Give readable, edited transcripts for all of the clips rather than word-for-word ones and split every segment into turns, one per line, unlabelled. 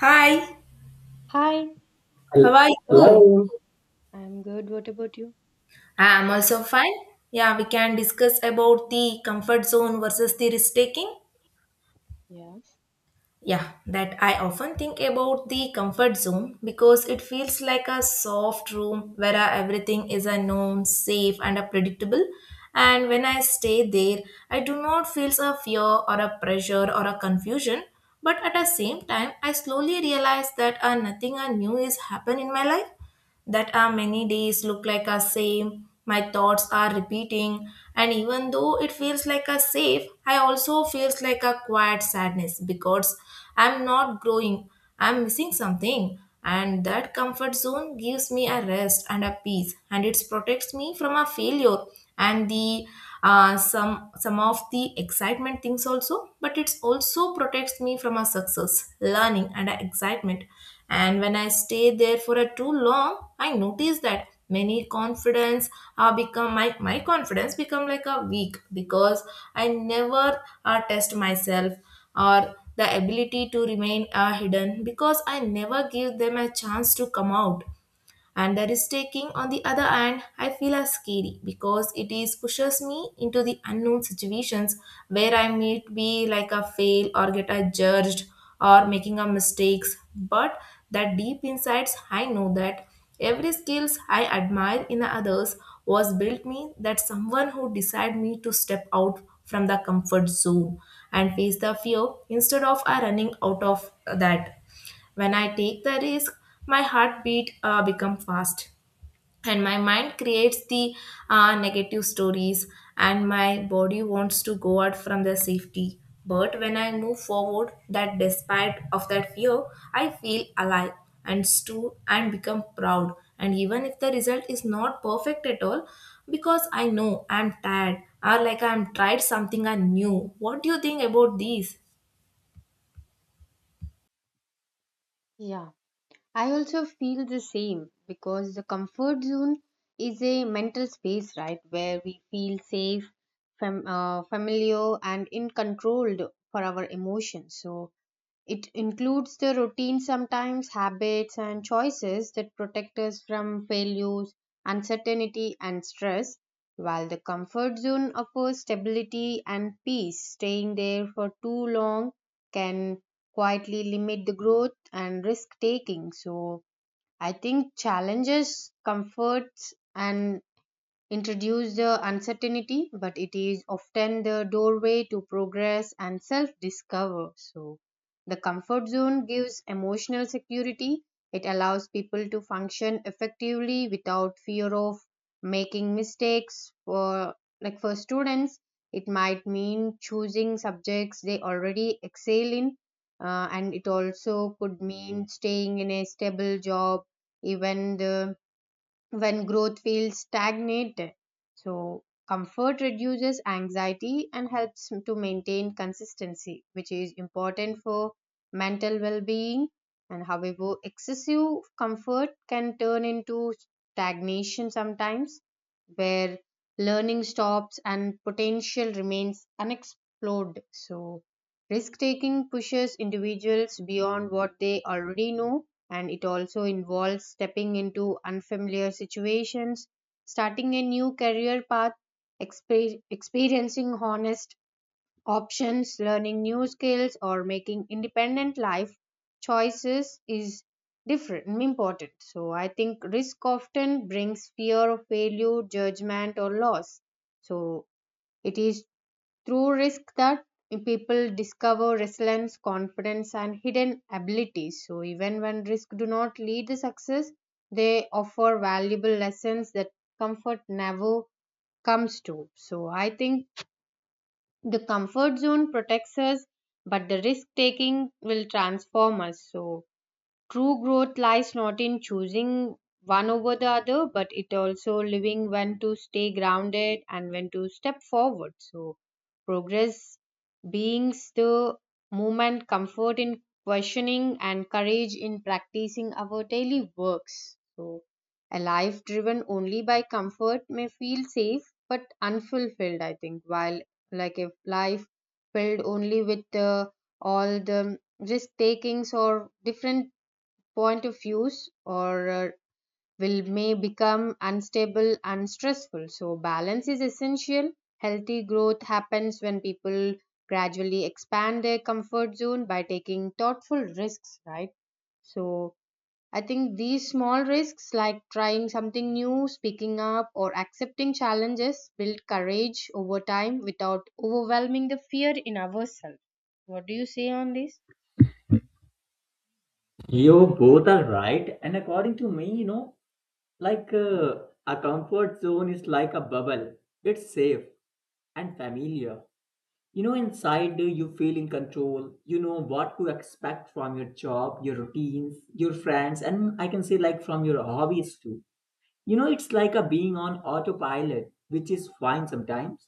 Hi,
Hi,
how
Hel-
are you?
Hello.
I'm good. What about you?
I'm also fine. Yeah, we can discuss about the comfort zone versus the risk taking.
Yes.
Yeah, that I often think about the comfort zone because it feels like a soft room where everything is a known, safe, and a predictable. And when I stay there, I do not feel a fear or a pressure or a confusion. But at the same time, I slowly realize that nothing new is happen in my life, that our many days look like are same, my thoughts are repeating, and even though it feels like a safe, I also feels like a quiet sadness because I'm not growing, I'm missing something, and that comfort zone gives me a rest and a peace, and it protects me from a failure and the some of the excitement things also, but it also protects me from a success learning and a excitement. And when I stay there for a too long, I notice that many confidence are become my confidence become like a weak because I never test myself or the ability to remain hidden because I never give them a chance to come out. And the risk taking on the other hand I feel are scary because it is pushes me into the unknown situations where I may be like a fail or get a judged or making a mistakes, but that deep insights I know that every skills I admire in others was built me, that someone who decide me to step out from the comfort zone and face the fear instead of running out of that. When I take the risk, my heartbeat become fast and my mind creates the negative stories, and my body wants to go out from the safety. But when I move forward, that despite of that fear, I feel alive and stood and become proud. And even if the result is not perfect at all, because I know I'm tired or like I'm tried something I knew. What do you think about these?
Yeah, I also feel the same because the comfort zone is a mental space, right, where we feel safe, familiar, and in control for our emotions. So, it includes the routine sometimes, habits, and choices that protect us from failures, uncertainty, and stress, while the comfort zone offers stability and peace. Staying there for too long can quietly limit the growth and risk taking. So, I think challenges, comforts, and introduce the uncertainty, but it is often the doorway to progress and self discover. So, the comfort zone gives emotional security. It allows people to function effectively without fear of making mistakes. For like for students, it might mean choosing subjects they already excel in, and it also could mean staying in a stable job, even the when growth feels stagnated. So, comfort reduces anxiety and helps to maintain consistency, which is important for mental well being. And however, excessive comfort can turn into stagnation sometimes, where learning stops and potential remains unexplored. So, risk taking pushes individuals beyond what they already know, and it also involves stepping into unfamiliar situations, starting a new career path, experiencing honest options, learning new skills, or making independent life choices is different, important. So I think risk often brings fear of failure, judgment, or loss, so it is through risk that people discover resilience, confidence, and hidden abilities. So even when risk do not lead to success, they offer valuable lessons that comfort never comes to. So I think the comfort zone protects us, but the risk taking will transform us. So true growth lies not in choosing one over the other, but it also living when to stay grounded and when to step forward. So, progress beings the movement, comfort in questioning, and courage in practicing our daily works. So, a life driven only by comfort may feel safe but unfulfilled, I think, while like if life filled only with all the risk takings or different point of use or will may become unstable and stressful. So balance is essential. Healthy growth happens when people gradually expand their comfort zone by taking thoughtful risks, right? So I think these small risks like trying something new, speaking up, or accepting challenges build courage over time without overwhelming the fear in ourselves. What do you say on this?
Yo. Right, and according to no, like a comfort zone is like a bubble. It's safe and familiar. You know, inside you feel in control. You know what to expect from your job, your routines, your friends, and I can say like this too. You know, on all it, which is fine sometimes.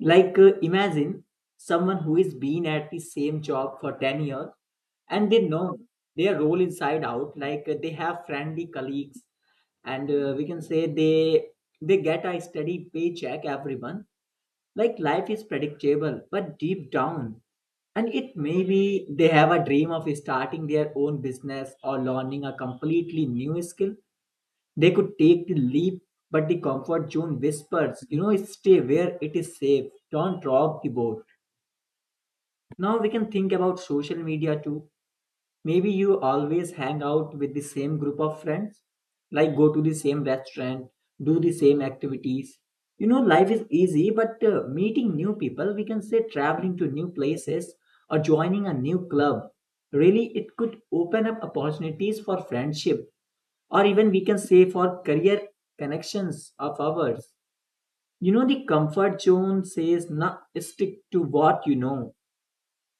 Like, imagine someone who is been at the same job for 10 years and they know their role inside out. Like, they have friendly colleagues, and we can say they get a steady paycheck every month. Like, life is predictable, but deep down, and it may be they have a dream of starting their own business or learning a completely new skill they could take the leap, but the comfort zone whispers, you know, stay where it is safe. Don't rock the boat. Now we can think about social media too. Maybe you always hang out with the same group of friends, like go to the same restaurant, do the same activities. You know, life is easy, but meeting new people, we can say traveling to new places or joining a new club, really, it could open up opportunities for friendship or even we can say for career connections of ours. You know, the comfort zone says not stick to what you know.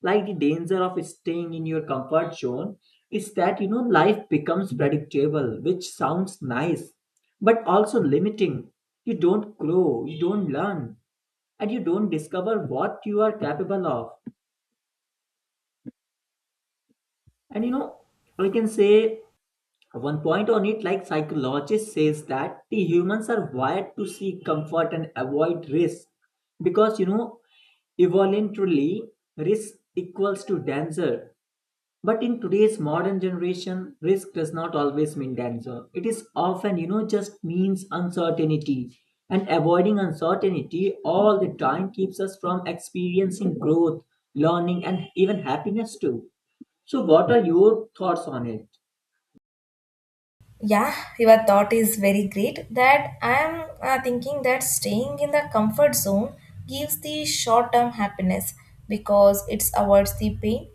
Like the danger of staying in your comfort zone is that you know life becomes predictable, which sounds nice, but also limiting. You don't grow, you don't learn, and you don't discover what you are capable of. And you know, I can say one point on it, like psychologist says that the humans are wired to seek comfort and avoid risk because you know evolutionarily risk equals to danger. But in today's modern generation, risk does not always mean danger. It is often you know just means uncertainty, and avoiding uncertainty all the time keeps us from experiencing growth, learning, and even happiness too. So, what are your thoughts on it?
Yeah, your thought is very great. That I am thinking that staying in the comfort zone gives the short term happiness because it avoids the pain,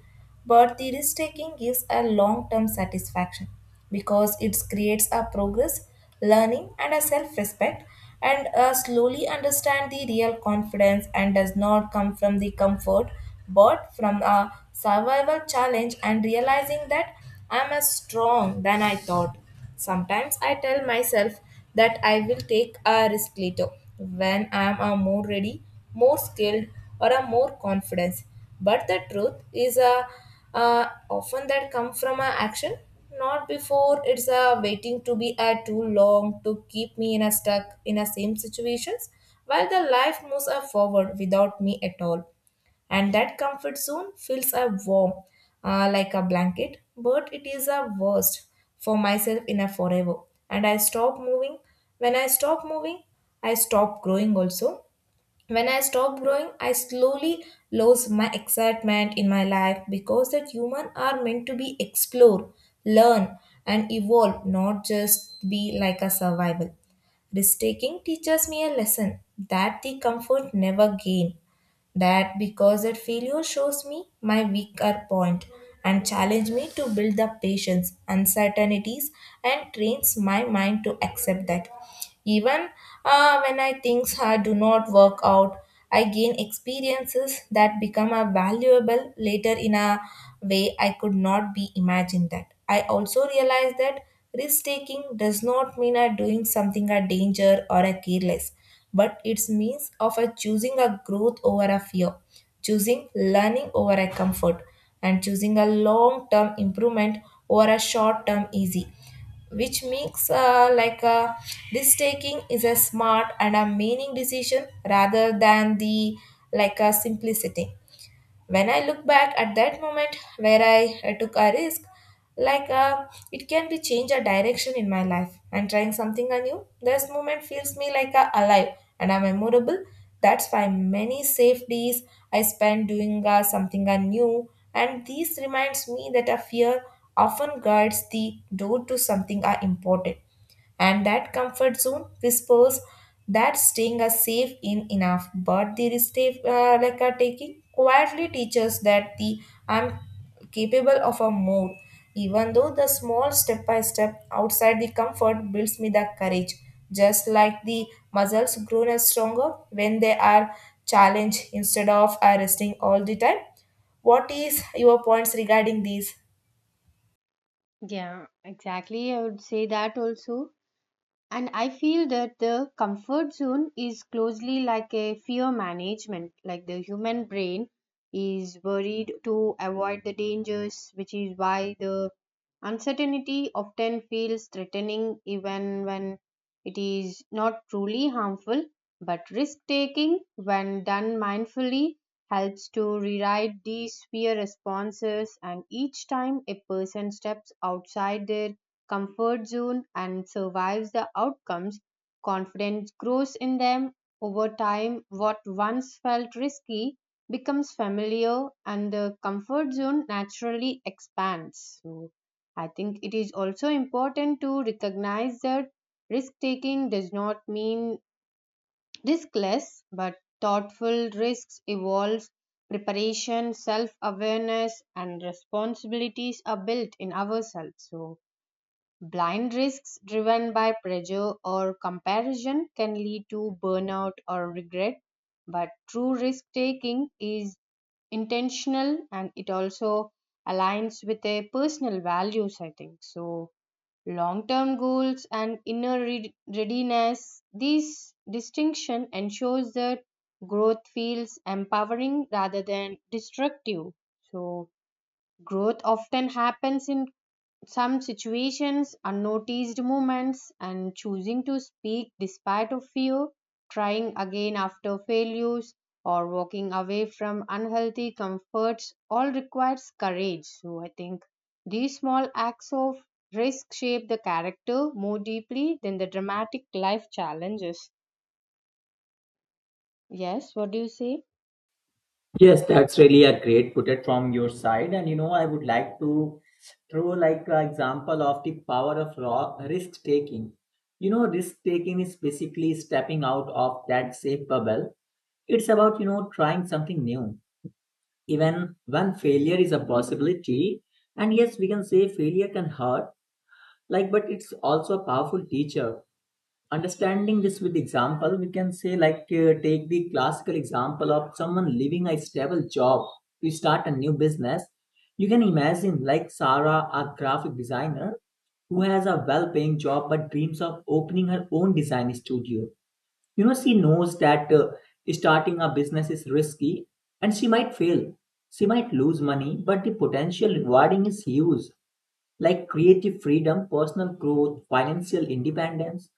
but the risk taking gives a long term satisfaction because it creates a progress, learning, and a self respect, and slowly understand the real confidence and does not come from the comfort, but from a survival challenge, and realizing that I am as strong than I thought. Sometimes I tell myself that I will take a risk later when I am a more ready, more skilled, or a more confident. But the truth is a often that come from a action, not before. It's a waiting to be a too long to keep me in a stuck in a same situations while the life moves a forward without me at all, and that comfort zone feels a warm, like a blanket, but it is a worst for myself in a forever. And I stop moving. When I stop moving, I stop growing also. When I stop growing, I slowly lose my excitement in my life because that human are meant to be explore, learn, and evolve, not just be like a survival. Risk taking teaches me a lesson that the comfort never gain, that because that failure shows me my weaker point and challenge me to build the patience uncertainties and trains my mind to accept that, even when I things do not work out, I gain experiences that become a valuable later in a way I could not be imagined. That I also realize that risk taking does not mean I doing something a danger or a careless, but it's means of a choosing a growth over a fear, choosing learning over a comfort, and choosing a long-term improvement over a short-term easy. Which makes like a risk taking is a smart and a meaning decision rather than the like a simplicity. When I look back at that moment where I took a risk, like uh, it can be change a direction in my life. I'm trying something new. This moment feels me like a alive and I'm memorable. That's why many safe days I spend doing something new. And this reminds me that a fear often guards the door to something important. And that comfort zone whispers that staying us safe in enough, but the risk like are taking quietly teaches that the I'm capable of a more. Even though the small step by step outside the comfort builds me the courage, just like the muscles grown as stronger when they are challenged instead of resting all the time. What is your points regarding these?
Yeah, exactly, I would say that also. And I feel that the comfort zone is closely like a fear management, like the human brain is worried to avoid the dangers, which is why the uncertainty often feels threatening even when it is not truly harmful. But risk taking, when done mindfully, helps to rewrite these fear responses, and each time a person steps outside their comfort zone and survives the outcomes, confidence grows in them. Over time, what once felt risky becomes familiar and the comfort zone naturally expands. So, I think it is also important to recognize that risk taking does not mean riskless, but thoughtful risks evolves preparation, self awareness, and responsibilities are built in ourselves. So blind risks driven by pressure or comparison can lead to burnout or regret, but true risk taking is intentional and it also aligns with their personal values, I think. So, long term goals and inner readiness, this distinction ensures that growth feels empowering rather than destructive. So, growth often happens in some situations, unnoticed moments, and choosing to speak despite of fear, trying again after failures, or walking away from unhealthy comforts all requires courage. So I think these small acts of risk shape the character more deeply than the dramatic life challenges. Yes, what do you say?
Yes, that's really a great put it from your side. And you know, I would like to throw like an example of the power of raw risk taking. You know, risk taking is basically stepping out of that safe bubble. It's about, you know, trying something new. Even when failure is a possibility, and yes, we can say failure can hurt, like, but it's also a powerful teacher understanding this with example we can say like take the classical example of someone leaving a stable job to start a new business you can imagine like Sarah, a graphic designer who has a well-paying job but dreams of opening her own design studio. You know, she knows that starting a business is risky and she might fail, she might lose money, but the potential rewarding is huge, like creative freedom, personal growth, financial independence.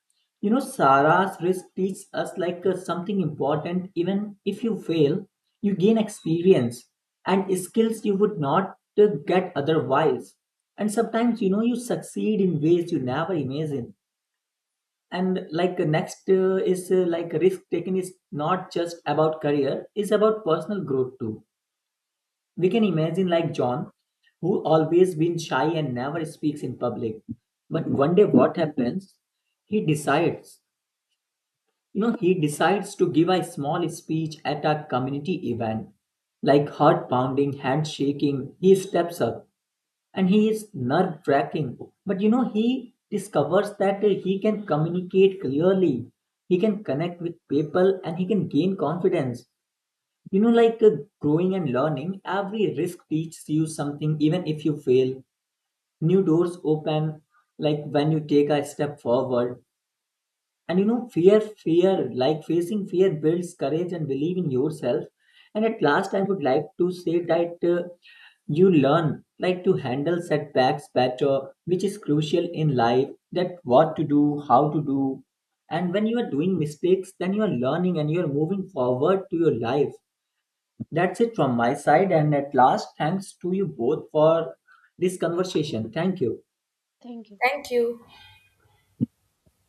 You know, Sarah's risk teaches us like something important. Even if you fail, you gain experience and skills you would not get otherwise. And sometimes, you know, you succeed in ways you never imagine. And like next is like risk taking is not just about career, it's about personal growth too. We can imagine like John, who always been shy and never speaks in public. But one day what happens? He decides, you know, he decides to give a small speech at a community event. Like heart pounding, hand shaking, he steps up and he is nerve tracking. But you know, he discovers that he can communicate clearly, he can connect with people, and he can gain confidence. You know, like growing and learning, every risk teaches you something. Even if you fail, new doors open, like when you take a step forward. And you know, fear like facing fear builds courage and believe in yourself. And at last I would like to say that you learn like to handle setbacks better, which is crucial in life, that what to do, how to do, and when you are doing mistakes then you are learning and you are moving forward to your life. That's it from my side. And at last, thanks to you both for this conversation. Thank you.
Thank you.
Thank you.